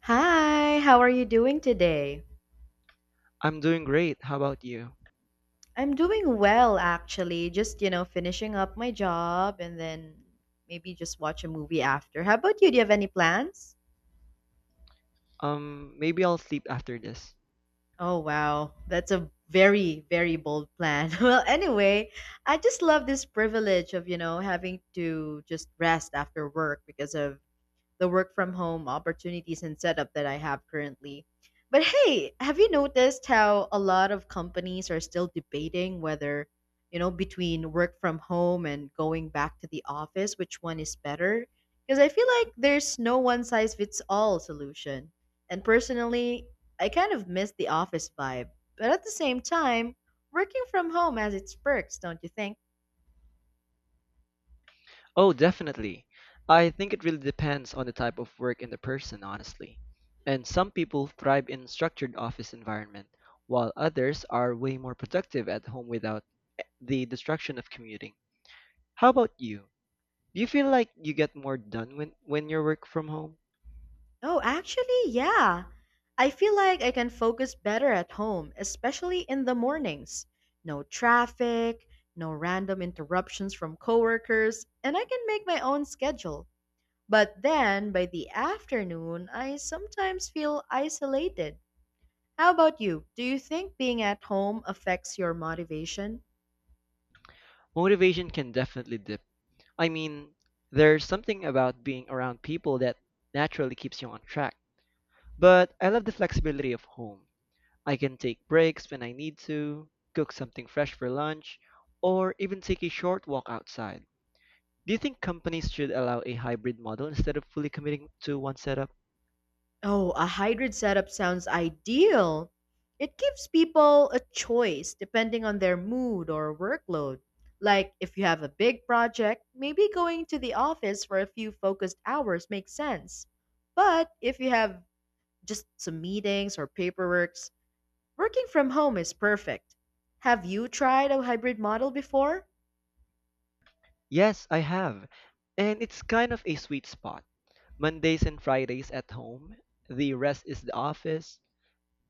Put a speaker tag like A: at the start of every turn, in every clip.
A: Hi, how are you doing today?
B: I'm doing great. How about you?
A: I'm doing well, actually. Just finishing up my job and then maybe just watch a movie after. How about you? Do you have any plans?
B: Maybe I'll sleep after this.
A: Oh, wow. That's a very, very bold plan. Well, anyway, I just love this privilege of having to just rest after work because of the work from home opportunities and setup that I have currently. But hey, have you noticed how a lot of companies are still debating whether between work from home and going back to the office, which one is better? Because I feel like there's no one size fits all solution. And personally, I kind of miss the office vibe. But at the same time, working from home has its perks, don't you think?
B: Oh, definitely. I think it really depends on the type of work and the person, honestly. And some people thrive in structured office environment, while others are way more productive at home without the distraction of commuting. How about you? Do you feel like you get more done when you work from home?
A: Oh, actually, yeah. I feel like I can focus better at home, especially in the mornings. No traffic, no random interruptions from coworkers, and I can make my own schedule. But then by the afternoon, I sometimes feel isolated. How about you? Do you think being at home affects your motivation?
B: Motivation can definitely dip. I mean, there's something about being around people that naturally keeps you on track. But I love the flexibility of home. I can take breaks when I need to, cook something fresh for lunch, or even take a short walk outside. Do you think companies should allow a hybrid model instead of fully committing to one setup?
A: Oh, a hybrid setup sounds ideal. It gives people a choice depending on their mood or workload. Like if you have a big project, maybe going to the office for a few focused hours makes sense. But if you have just some meetings or paperwork, working from home is perfect. Have you tried a hybrid model before?
B: Yes, I have. And it's kind of a sweet spot. Mondays and Fridays at home, the rest is the office.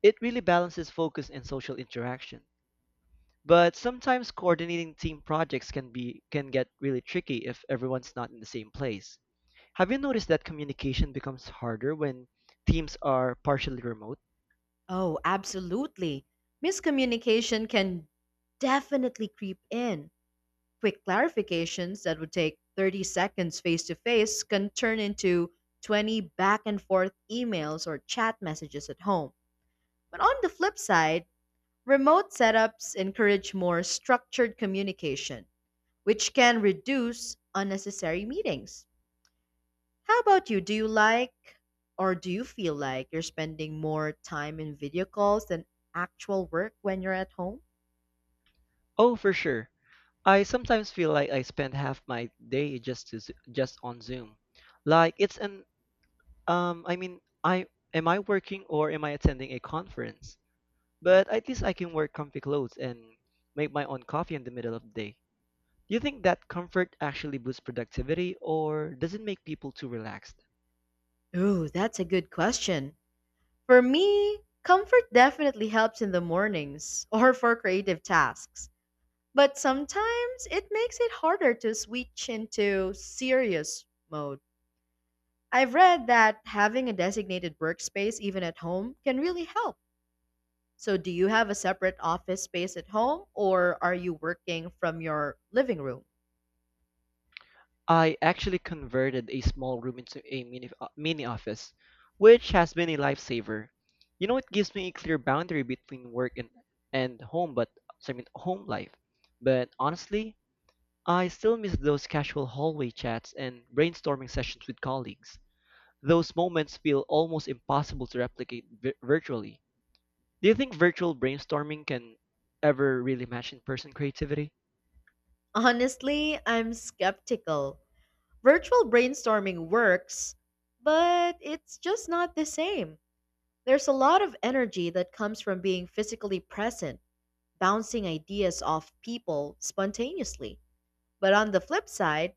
B: It really balances focus and social interaction. But sometimes coordinating team projects can get really tricky if everyone's not in the same place. Have you noticed that communication becomes harder when teams are partially remote?
A: Oh, absolutely. Miscommunication can definitely creep in. Quick clarifications that would take 30 seconds face to face can turn into 20 back and forth emails or chat messages at home. But on the flip side, remote setups encourage more structured communication, which can reduce unnecessary meetings. How about you? Do you feel like you're spending more time in video calls than actual work when you're at home?
B: Oh, for sure. I sometimes feel like I spend half my day just on Zoom. Like it's an I mean, I am I working or am I attending a conference? But at least I can wear comfy clothes and make my own coffee in the middle of the day. Do you think that comfort actually boosts productivity or does it make people too relaxed?
A: Ooh, that's a good question. For me, comfort definitely helps in the mornings or for creative tasks, but sometimes it makes it harder to switch into serious mode. I've read that having a designated workspace, even at home, can really help. So, do you have a separate office space at home or are you working from your living room?
B: I actually converted a small room into a mini office, which has been a lifesaver. You know, it gives me a clear boundary between work and home, but home life. But honestly, I still miss those casual hallway chats and brainstorming sessions with colleagues. Those moments feel almost impossible to replicate virtually. Do you think virtual brainstorming can ever really match in-person creativity?
A: Honestly, I'm skeptical. Virtual brainstorming works, but it's just not the same. There's a lot of energy that comes from being physically present, bouncing ideas off people spontaneously. But on the flip side,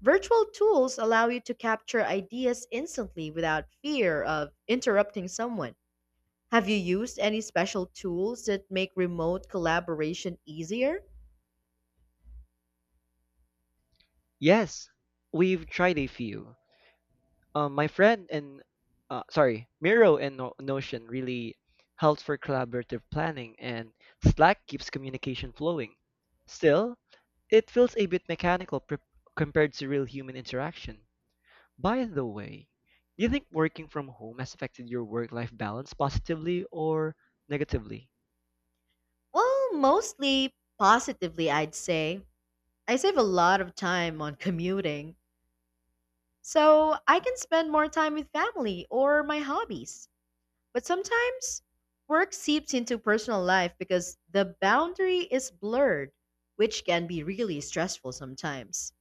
A: virtual tools allow you to capture ideas instantly without fear of interrupting someone. Have you used any special tools that make remote collaboration easier?
B: Yes, we've tried a few. My friend and sorry, Miro and Notion really helps for collaborative planning, and Slack keeps communication flowing. Still, it feels a bit compared to real human interaction. By the way, do you think working from home has affected your work-life balance positively or negatively?
A: Well, mostly positively, I'd say. I save a lot of time on commuting, so I can spend more time with family or my hobbies. But sometimes work seeps into personal life because the boundary is blurred, which can be really stressful sometimes.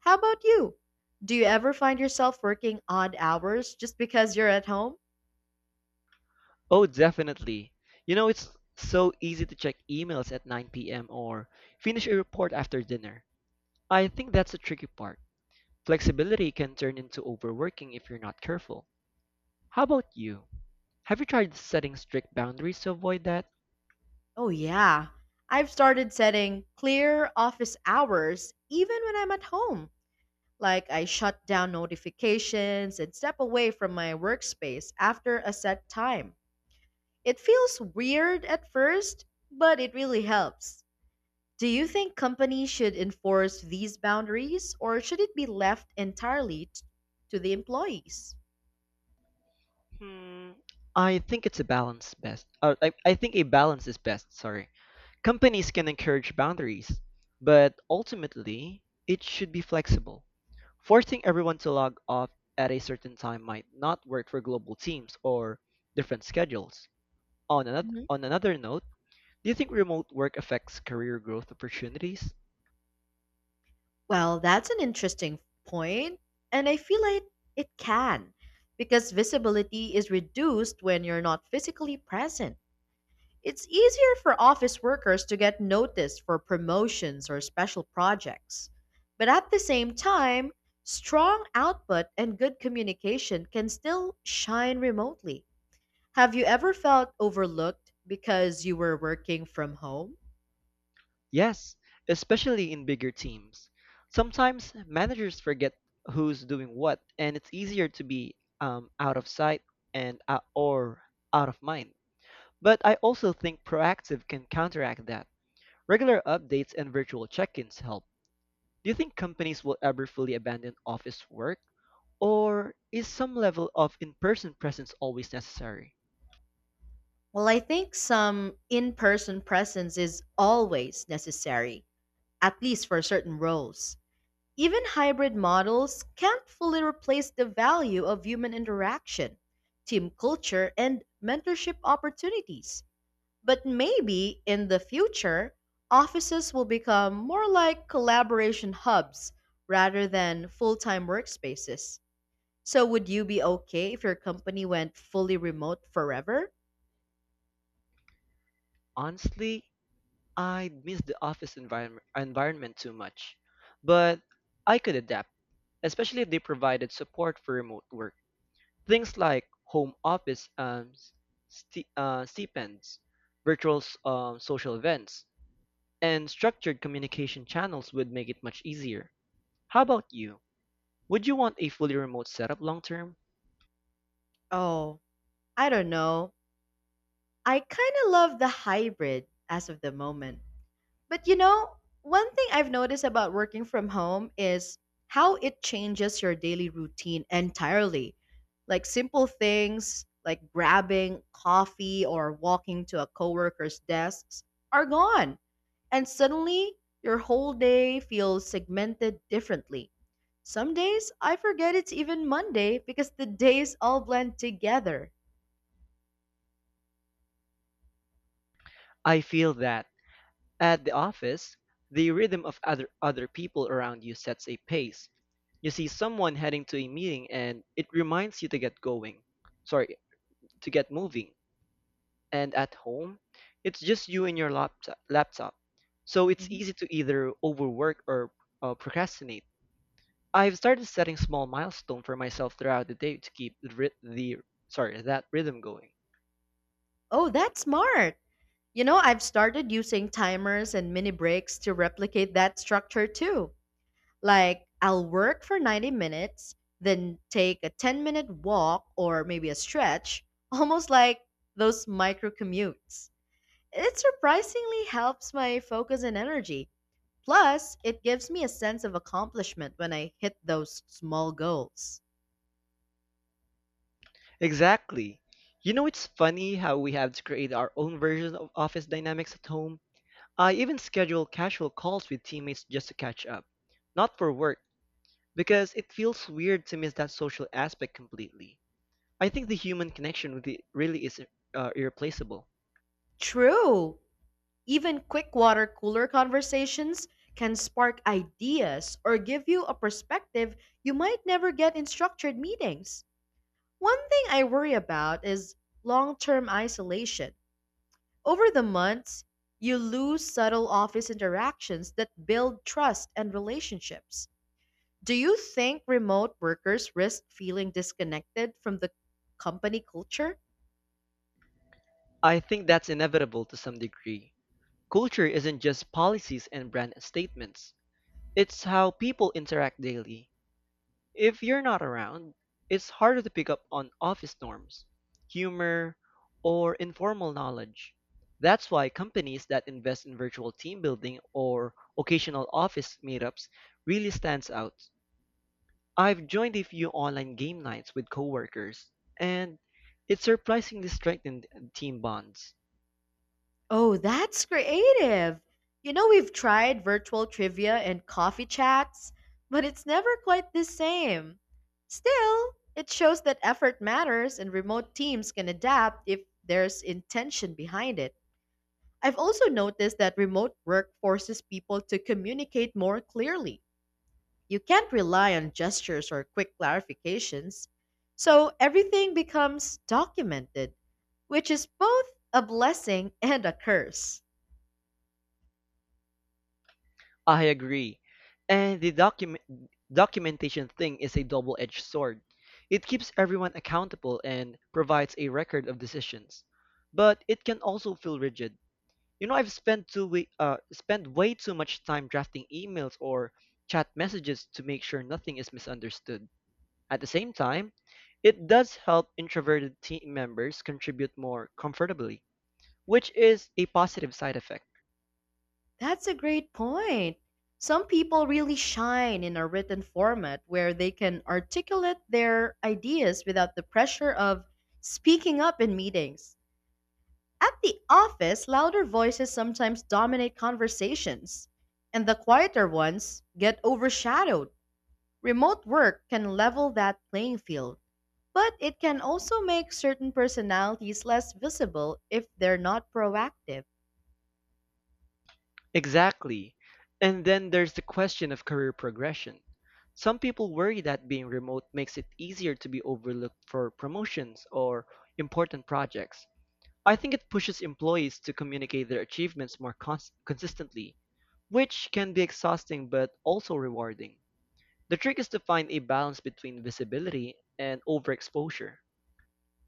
A: How about you? Do you ever find yourself working odd hours just because you're at home?
B: Oh, definitely. You know, it's so easy to check emails at 9 p.m. or finish a report after dinner. I think that's the tricky part. Flexibility can turn into overworking if you're not careful. How about you? Have you tried setting strict boundaries to avoid that?
A: Oh, yeah. I've started setting clear office hours even when I'm at home. Like, I shut down notifications and step away from my workspace after a set time. It feels weird at first, but it really helps. Do you think companies should enforce these boundaries or should it be left entirely to the employees?
B: Hmm, I think it's a balance best. I think a balance is best, sorry. Companies can encourage boundaries, but ultimately, it should be flexible. Forcing everyone to log off at a certain time might not work for global teams or different schedules. On another,
A: Mhm.
B: on another note, do you think remote work affects career growth opportunities?
A: Well, that's an interesting point, and I feel like it can because visibility is reduced when you're not physically present. It's easier for office workers to get noticed for promotions or special projects. But at the same time, strong output and good communication can still shine remotely. Have you ever felt overlooked because you were working from home?
B: Yes, especially in bigger teams. Sometimes managers forget who's doing what, and it's easier to be out of sight and or out of mind. But I also think proactive can counteract that. Regular updates and virtual check-ins help. Do you think companies will ever fully abandon office work? Or is some level of in-person presence always necessary?
A: Well, I think some in person presence is always necessary, at least for certain roles. Even hybrid models can't fully replace the value of human interaction, team culture, and mentorship opportunities. But maybe in the future, offices will become more like collaboration hubs rather than full time workspaces. So would you be okay if your company went fully remote forever?
B: Honestly, I miss the office environment too much. But I could adapt, especially if they provided support for remote work. Things like home office stipends, virtual social events, and structured communication channels would make it much easier. How about you? Would you want a fully remote setup long term?
A: Oh, I don't know. I kind of love the hybrid as of the moment. But you know, one thing I've noticed about working from home is how it changes your daily routine entirely. Like simple things like grabbing coffee or walking to a coworker's desks are gone. And suddenly, your whole day feels segmented differently. Some days, I forget it's even Monday because the days all blend together.
B: I feel that at the office, the rhythm of other people around you sets a pace. You see someone heading to a meeting and it reminds you to get going. Sorry, to get moving. And at home, it's just you and your laptop. So it's
A: Mhm.
B: easy to either overwork or procrastinate. I've started setting small milestones for myself throughout the day to keep the, ry- the sorry that rhythm going.
A: Oh, that's smart. You know, I've started using timers and mini breaks to replicate that structure too. Like, I'll work for 90 minutes, then take a 10-minute walk or maybe a stretch, almost like those micro commutes. It surprisingly helps my focus and energy. Plus, it gives me a sense of accomplishment when I hit those small goals.
B: Exactly. You know, it's funny how we have to create our own version of office dynamics at home. I even schedule casual calls with teammates just to catch up, not for work, because it feels weird to miss that social aspect completely. I think the human connection with it really is irreplaceable.
A: True. Even quick water cooler conversations can spark ideas or give you a perspective you might never get in structured meetings. One thing I worry about is long term isolation. Over the months, you lose subtle office interactions that build trust and relationships. Do you think remote workers risk feeling disconnected from the company culture?
B: I think that's inevitable to some degree. Culture isn't just policies and brand statements. It's how people interact daily. If you're not around, it's harder to pick up on office norms, humor, or informal knowledge. That's why companies that invest in virtual team building or occasional office meetups really stands out. I've joined a few online game nights with coworkers, and it surprisingly strengthened team bonds.
A: Oh, that's creative. You know, we've tried virtual trivia and coffee chats, but it's never quite the same. Still, it shows that effort matters and remote teams can adapt if there's intention behind it. I've also noticed that remote work forces people to communicate more clearly. You can't rely on gestures or quick clarifications. So everything becomes documented, which is both a blessing and a curse.
B: I agree. And the documentation thing is a double-edged sword. It keeps everyone accountable and provides a record of decisions. But it can also feel rigid. You know, I've spent way too much time drafting emails or chat messages to make sure nothing is misunderstood. At the same time, it does help introverted team members contribute more comfortably, which is a positive side effect.
A: That's a great point. Some people really shine in a written format where they can articulate their ideas without the pressure of speaking up in meetings. At the office, louder voices sometimes dominate conversations, and the quieter ones get overshadowed. Remote work can level that playing field, but it can also make certain personalities less visible if they're not proactive.
B: Exactly. And then there's the question of career progression. Some people worry that being remote makes it easier to be overlooked for promotions or important projects. I think it pushes employees to communicate their achievements more consistently, which can be exhausting but also rewarding. The trick is to find a balance between visibility and overexposure.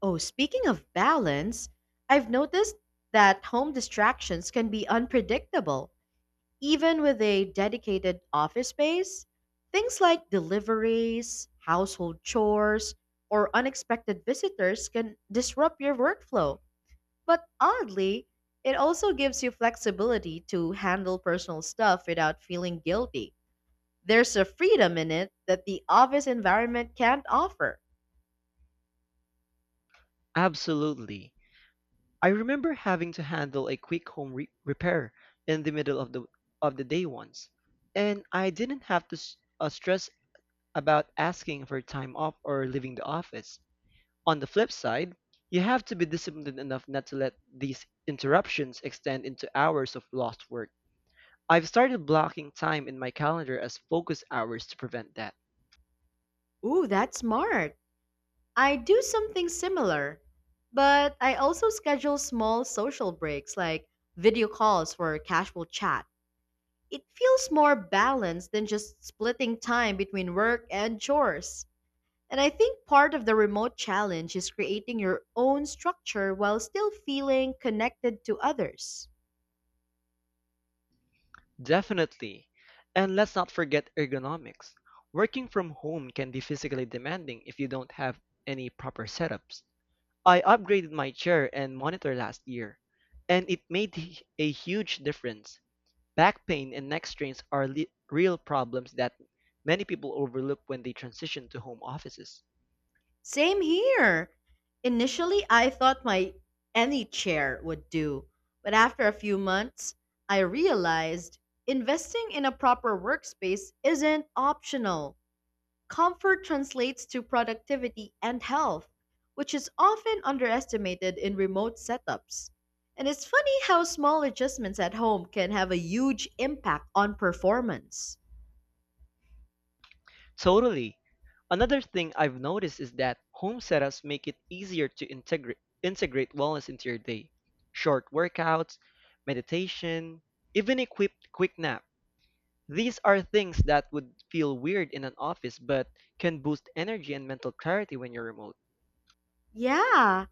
A: Oh, speaking of balance, I've noticed that home distractions can be unpredictable, even with a dedicated office space. Things like deliveries, household chores, or unexpected visitors can disrupt your workflow. But oddly, it also gives you flexibility to handle personal stuff without feeling guilty. There's a freedom in it that the office environment can't offer.
B: Absolutely. I remember having to handle a quick home repair in the middle of the day once, and I didn't have to stress about asking for time off or leaving the office. On the flip side, you have to be disciplined enough not to let these interruptions extend into hours of lost work. I've started blocking time in my calendar as focus hours to prevent that.
A: Ooh, that's smart. I do something similar, but I also schedule small social breaks like video calls for casual chat. It feels more balanced than just splitting time between work and chores. And I think part of the remote challenge is creating your own structure while still feeling connected to others.
B: Definitely. And let's not forget ergonomics. Working from home can be physically demanding if you don't have any proper setups. I upgraded my chair and monitor last year, and it a huge difference. Back pain and neck strains are real problems that many people overlook when they transition to home offices.
A: Same here. Initially, I thought my any chair would do, but after a few months, I realized investing in a proper workspace isn't optional. Comfort translates to productivity and health, which is often underestimated in remote setups. And it's funny how small adjustments at home can have a huge impact on performance.
B: Totally. Another thing I've noticed is that home setups make it easier to integrate wellness into your day. Short workouts, meditation, even a quick nap. These are things that would feel weird in an office but can boost energy and mental clarity when you're remote.
A: Yeah,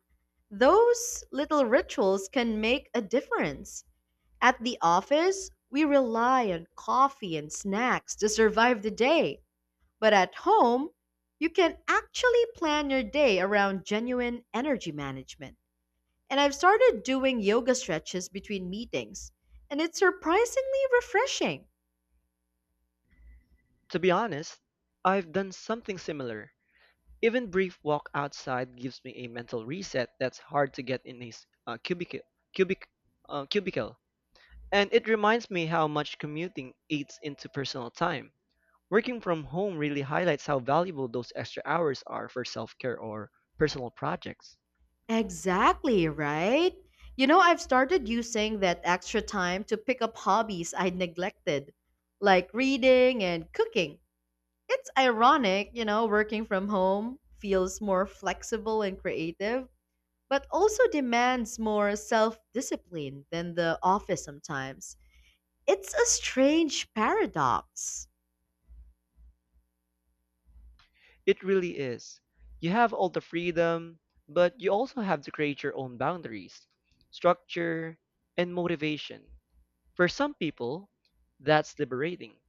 A: those little rituals can make a difference. At the office, we rely on coffee and snacks to survive the day. But at home, you can actually plan your day around genuine energy management. And I've started doing yoga stretches between meetings, and it's surprisingly refreshing.
B: To be honest, I've done something similar. Even brief walk outside gives me a mental reset that's hard to get in a cubic, cubicle. And it reminds me how much commuting eats into personal time. Working from home really highlights how valuable those extra hours are for self care or personal projects.
A: Exactly, right? You know, I've started using that extra time to pick up hobbies I neglected, like reading and cooking. It's ironic, you know, working from home feels more flexible and creative, but also demands more self discipline than the office sometimes. It's a strange paradox.
B: It really is. You have all the freedom, but you also have to create your own boundaries, structure, and motivation. For some people, that's liberating.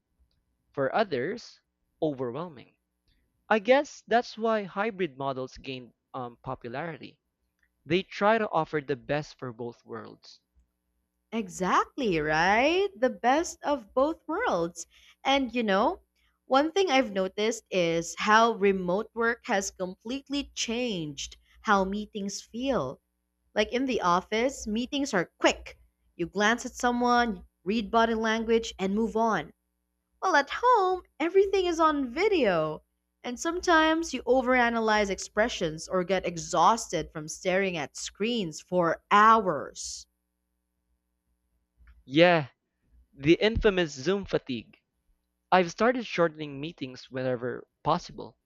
B: For others, overwhelming. I guess that's why hybrid models gained popularity. They try to offer the best for both worlds.
A: Exactly, right? The best of both worlds. And you know, one thing I've noticed is how remote work has completely changed how meetings feel. Like in the office, meetings are quick. You glance at someone, read body language, and move on. Well, at home, everything is on video. And sometimes you overanalyze expressions or get exhausted from staring at screens for hours.
B: Yeah, the infamous Zoom fatigue. I've started shortening meetings whenever possible.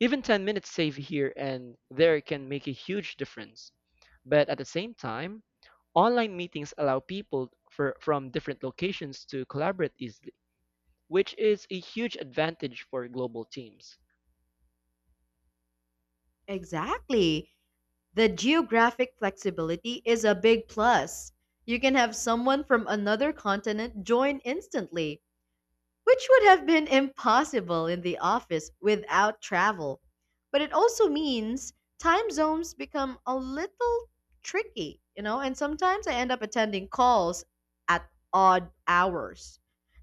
B: Even 10 minutes saved here and there can make a huge difference. But at the same time, online meetings allow from different locations to collaborate easily, which is a huge advantage for global teams.
A: Exactly. The geographic flexibility is a big plus. You can have someone from another continent join instantly, which would have been impossible in the office without travel. But it also means time zones become a little tricky, you know, and sometimes I end up attending calls at odd hours.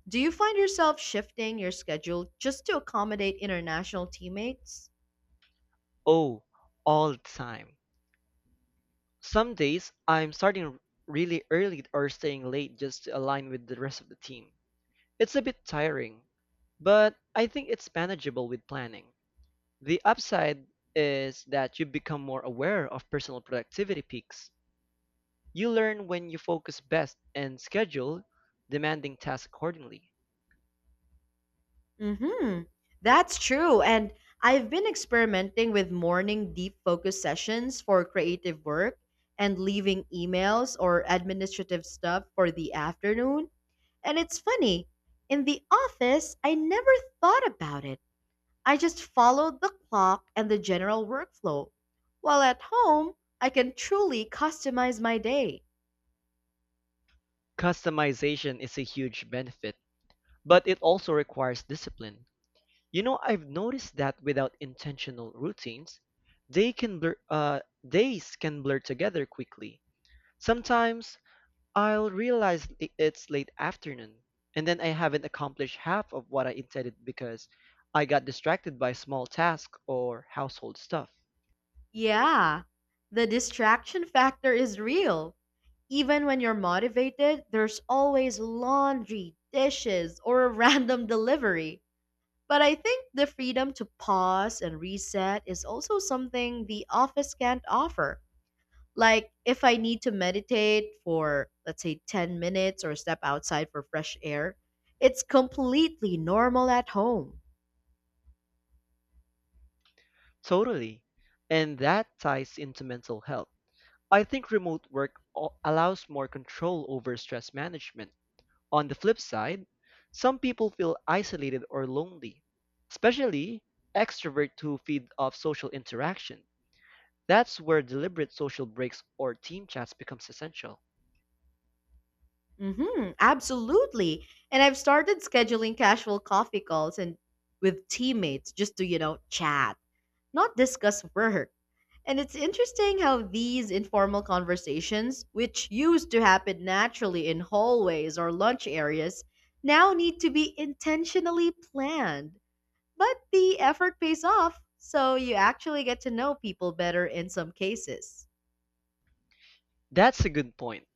A: Do you find yourself shifting your schedule just to accommodate international teammates?
B: Oh, all the time. Some days I'm starting really early or staying late just to align with the rest of the team. It's a bit tiring, but I think it's manageable with planning. The upside is that you become more aware of personal productivity peaks. You learn when you focus best and schedule demanding tasks accordingly.
A: Mm-hmm. That's true. And I've been experimenting with morning deep focus sessions for creative work and leaving emails or administrative stuff for the afternoon. And it's funny, in the office, I never thought about it. I just followed the clock and the general workflow. While at home, I can truly customize my day.
B: Customization is a huge benefit, but it also requires discipline. You know, I've noticed that without intentional routines, they can blur, uh, days can blur together quickly. Sometimes I'll realize it's late afternoon, and then I haven't accomplished half of what I intended because I got distracted by small tasks or household stuff.
A: Yeah, the distraction factor is real. Even when you're motivated, there's always laundry, dishes, or a random delivery. But I think the freedom to pause and reset is also something the office can't offer. Like, if I need to meditate for, let's say, 10 minutes or step outside for fresh air, it's completely normal at home.
B: Totally. And that ties into mental health. I think remote work allows more control over stress management. On the flip side, some people feel isolated or lonely, especially extroverts who feed off social interaction. That's where deliberate social breaks or team chats becomes essential.
A: Absolutely. And I've started scheduling casual coffee calls and with teammates just to chat, not discuss work. And it's interesting how these informal conversations, which used to happen naturally in hallways or lunch areas, now need to be intentionally planned. But the effort pays off, so you actually get to know people better in some cases.
B: That's a good point.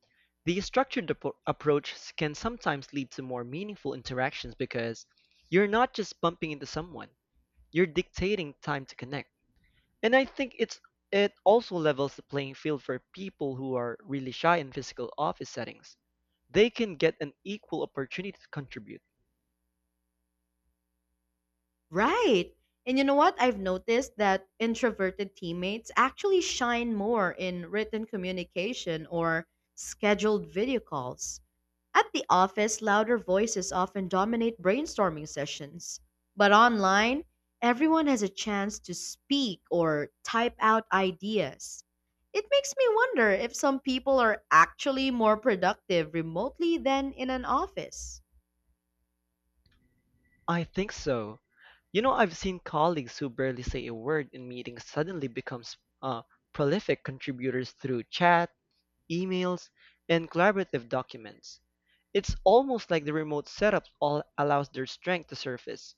B: The structured approach can sometimes lead to more meaningful interactions because you're not just bumping into someone, you're dictating time to connect. And I think it's it also levels the playing field for people who are really shy in physical office settings. They can get an equal opportunity to contribute.
A: Right. And you know what? I've noticed that introverted teammates actually shine more in written communication or scheduled video calls. At the office, louder voices often dominate brainstorming sessions. But online, everyone has a chance to speak or type out ideas. It makes me wonder if some people are actually more productive remotely than in an office.
B: I think so. You know, I've seen colleagues who barely say a word in meetings suddenly become uh, prolific contributors through chat, emails, and collaborative documents. It's almost like the remote setup all allows their strength to surface.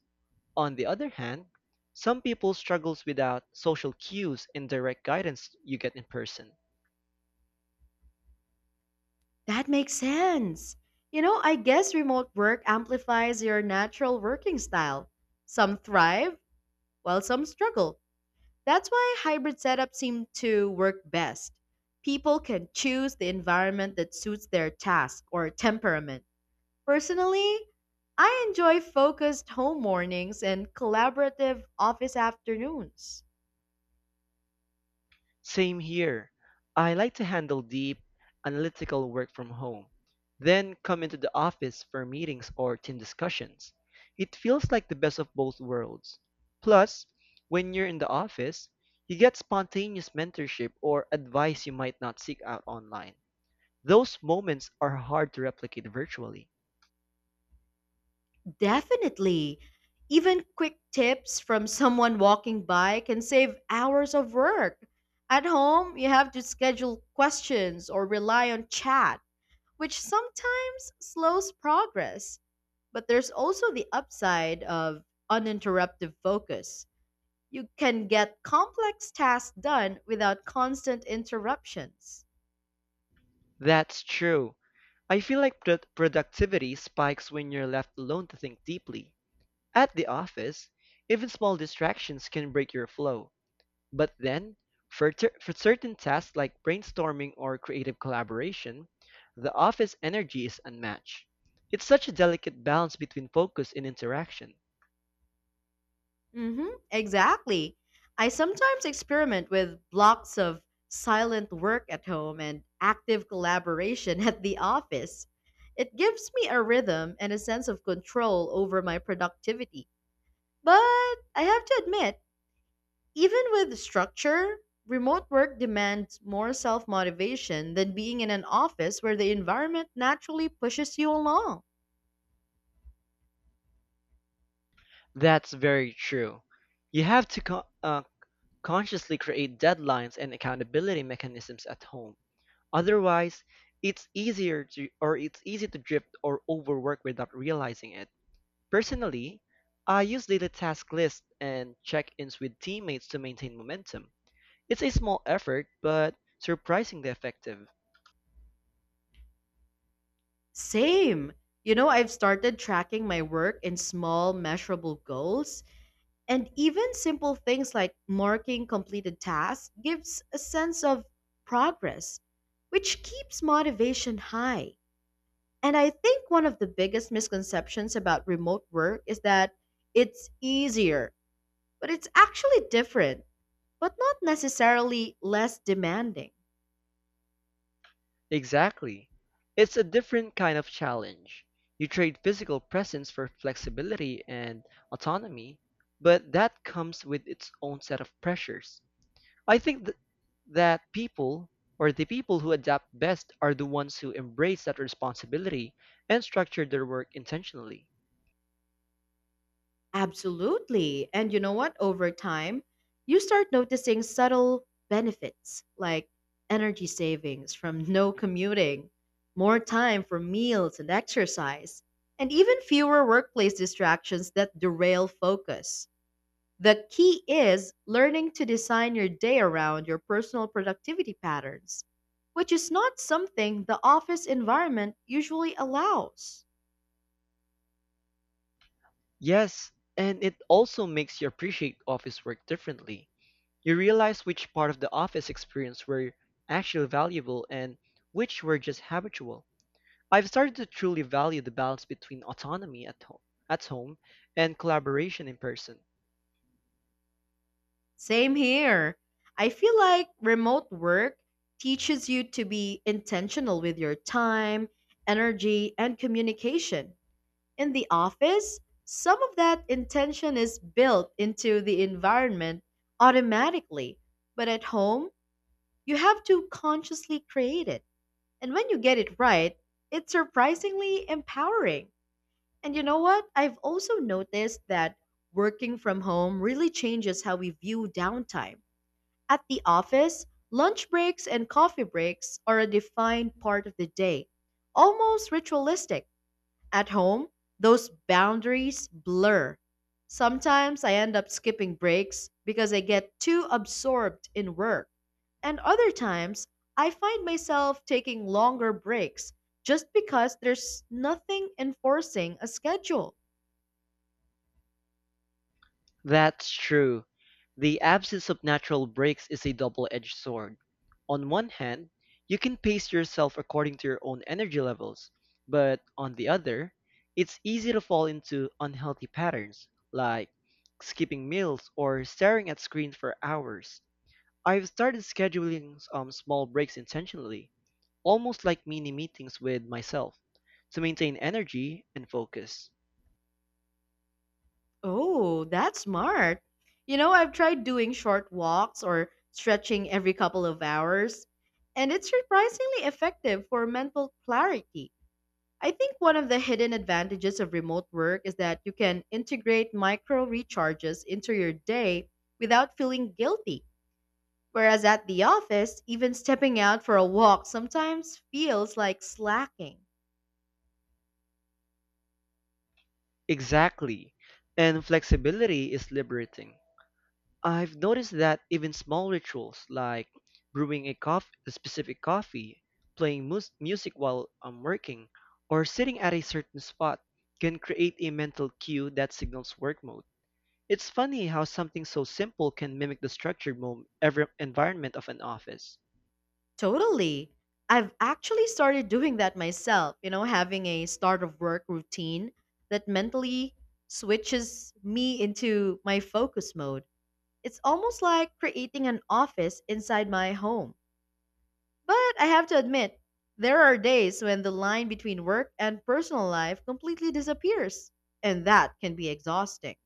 B: On the other hand, some people struggles without social cues and direct guidance you get in person.
A: That makes sense. I guess remote work amplifies your natural working style. Some thrive, while some struggle. That's why hybrid setups seem to work best. People can choose the environment that suits their task or temperament. Personally, I enjoy focused home mornings and collaborative office afternoons.
B: Same here. I like to handle deep, analytical work from home, then come into the office for meetings or team discussions. It feels like the best of both worlds. Plus, when you're in the office, you get spontaneous mentorship or advice you might not seek out online. Those moments are hard to replicate virtually.
A: Definitely. Even quick tips from someone walking by can save hours of work. At home, you have to schedule questions or rely on chat, which sometimes slows progress. But there's also the upside of uninterrupted focus. You can get complex tasks done without constant interruptions.
B: That's true. I feel like productivity spikes when you're left alone to think deeply. At the office, even small distractions can break your flow. But then, for certain tasks like brainstorming or creative collaboration, the office energy is unmatched. It's such a delicate balance between focus and interaction.
A: Mm-hmm, exactly. I sometimes experiment with blocks of silent work at home and active collaboration at the office. It gives me a rhythm and a sense of control over my productivity. But I have to admit, even with structure, remote work demands more self motivation than being in an office where the environment naturally pushes you along.
B: That's very true. You have to consciously create deadlines and accountability mechanisms at home. Otherwise, it's easy to drift or overwork without realizing it. Personally, I use daily task lists and check-ins with teammates to maintain momentum. It's a small effort, but surprisingly effective.
A: Same. I've started tracking my work in small, measurable goals. And even simple things like marking completed tasks gives a sense of progress, which keeps motivation high. And I think one of the biggest misconceptions about remote work is that it's easier, but it's actually different, but not necessarily less demanding.
B: Exactly. It's a different kind of challenge. You trade physical presence for flexibility and autonomy, but that comes with its own set of pressures. I think th- that people or the people who adapt best are the ones who embrace that responsibility and structure their work intentionally.
A: Absolutely. And you know what? Over time, you start noticing subtle benefits like energy savings from no commuting, more time for meals and exercise, and even fewer workplace distractions that derail focus. The key is learning to design your day around your personal productivity patterns, which is not something the office environment usually allows.
B: Yes, and it also makes you appreciate office work differently. You realize which part of the office experience were actually valuable and which were just habitual. I've started to truly value the balance between at home and collaboration in person.
A: Same here. I feel like remote work teaches you to be intentional with your time, energy, and communication. In the office, some of that intention is built into the environment automatically, but at home, you have to consciously create it. And when you get it right, it's surprisingly empowering. And you know what? I've also noticed that working from home really changes how we view downtime. At the office, lunch breaks and coffee breaks are a defined part of the day, almost ritualistic. At home, those boundaries blur. Sometimes I end up skipping breaks because I get too absorbed in work, and other times I find myself taking longer breaks just because there's nothing enforcing a schedule.
B: That's true. The absence of natural breaks is a double-edged sword. On one hand, you can pace yourself according to your own energy levels, but on the other, it's easy to fall into unhealthy patterns, like skipping meals or staring at screens for hours. I've started scheduling small breaks intentionally, almost like mini meetings with myself, to maintain energy and focus.
A: Oh, that's smart. I've tried doing short walks or stretching every couple of hours, and it's surprisingly effective for mental clarity. I think one of the hidden advantages of remote work is that you can integrate micro recharges into your day without feeling guilty. Whereas at the office, even stepping out for a walk sometimes feels like slacking.
B: Exactly. And flexibility is liberating. I've noticed that even small rituals like a specific coffee, playing music while I'm working, or sitting at a certain spot can create a mental cue that signals work mode. It's funny how something so simple can mimic the every environment of an office.
A: Totally. I've actually started doing that myself, having a start of work routine that mentally switches me into my focus mode. It's almost like creating an office inside my home. But I have to admit, there are days when the line between work and personal life completely disappears, and that can be exhausting.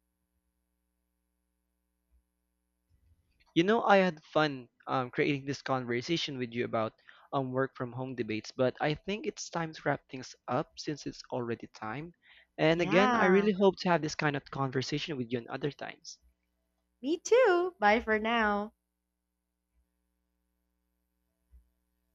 B: You know, I had fun creating this conversation with you about work from home debates, but I think it's time to wrap things up since it's already time. And again, I
A: Yeah,
B: really hope to have this kind of conversation with you on other times.
A: me too. Bye for now.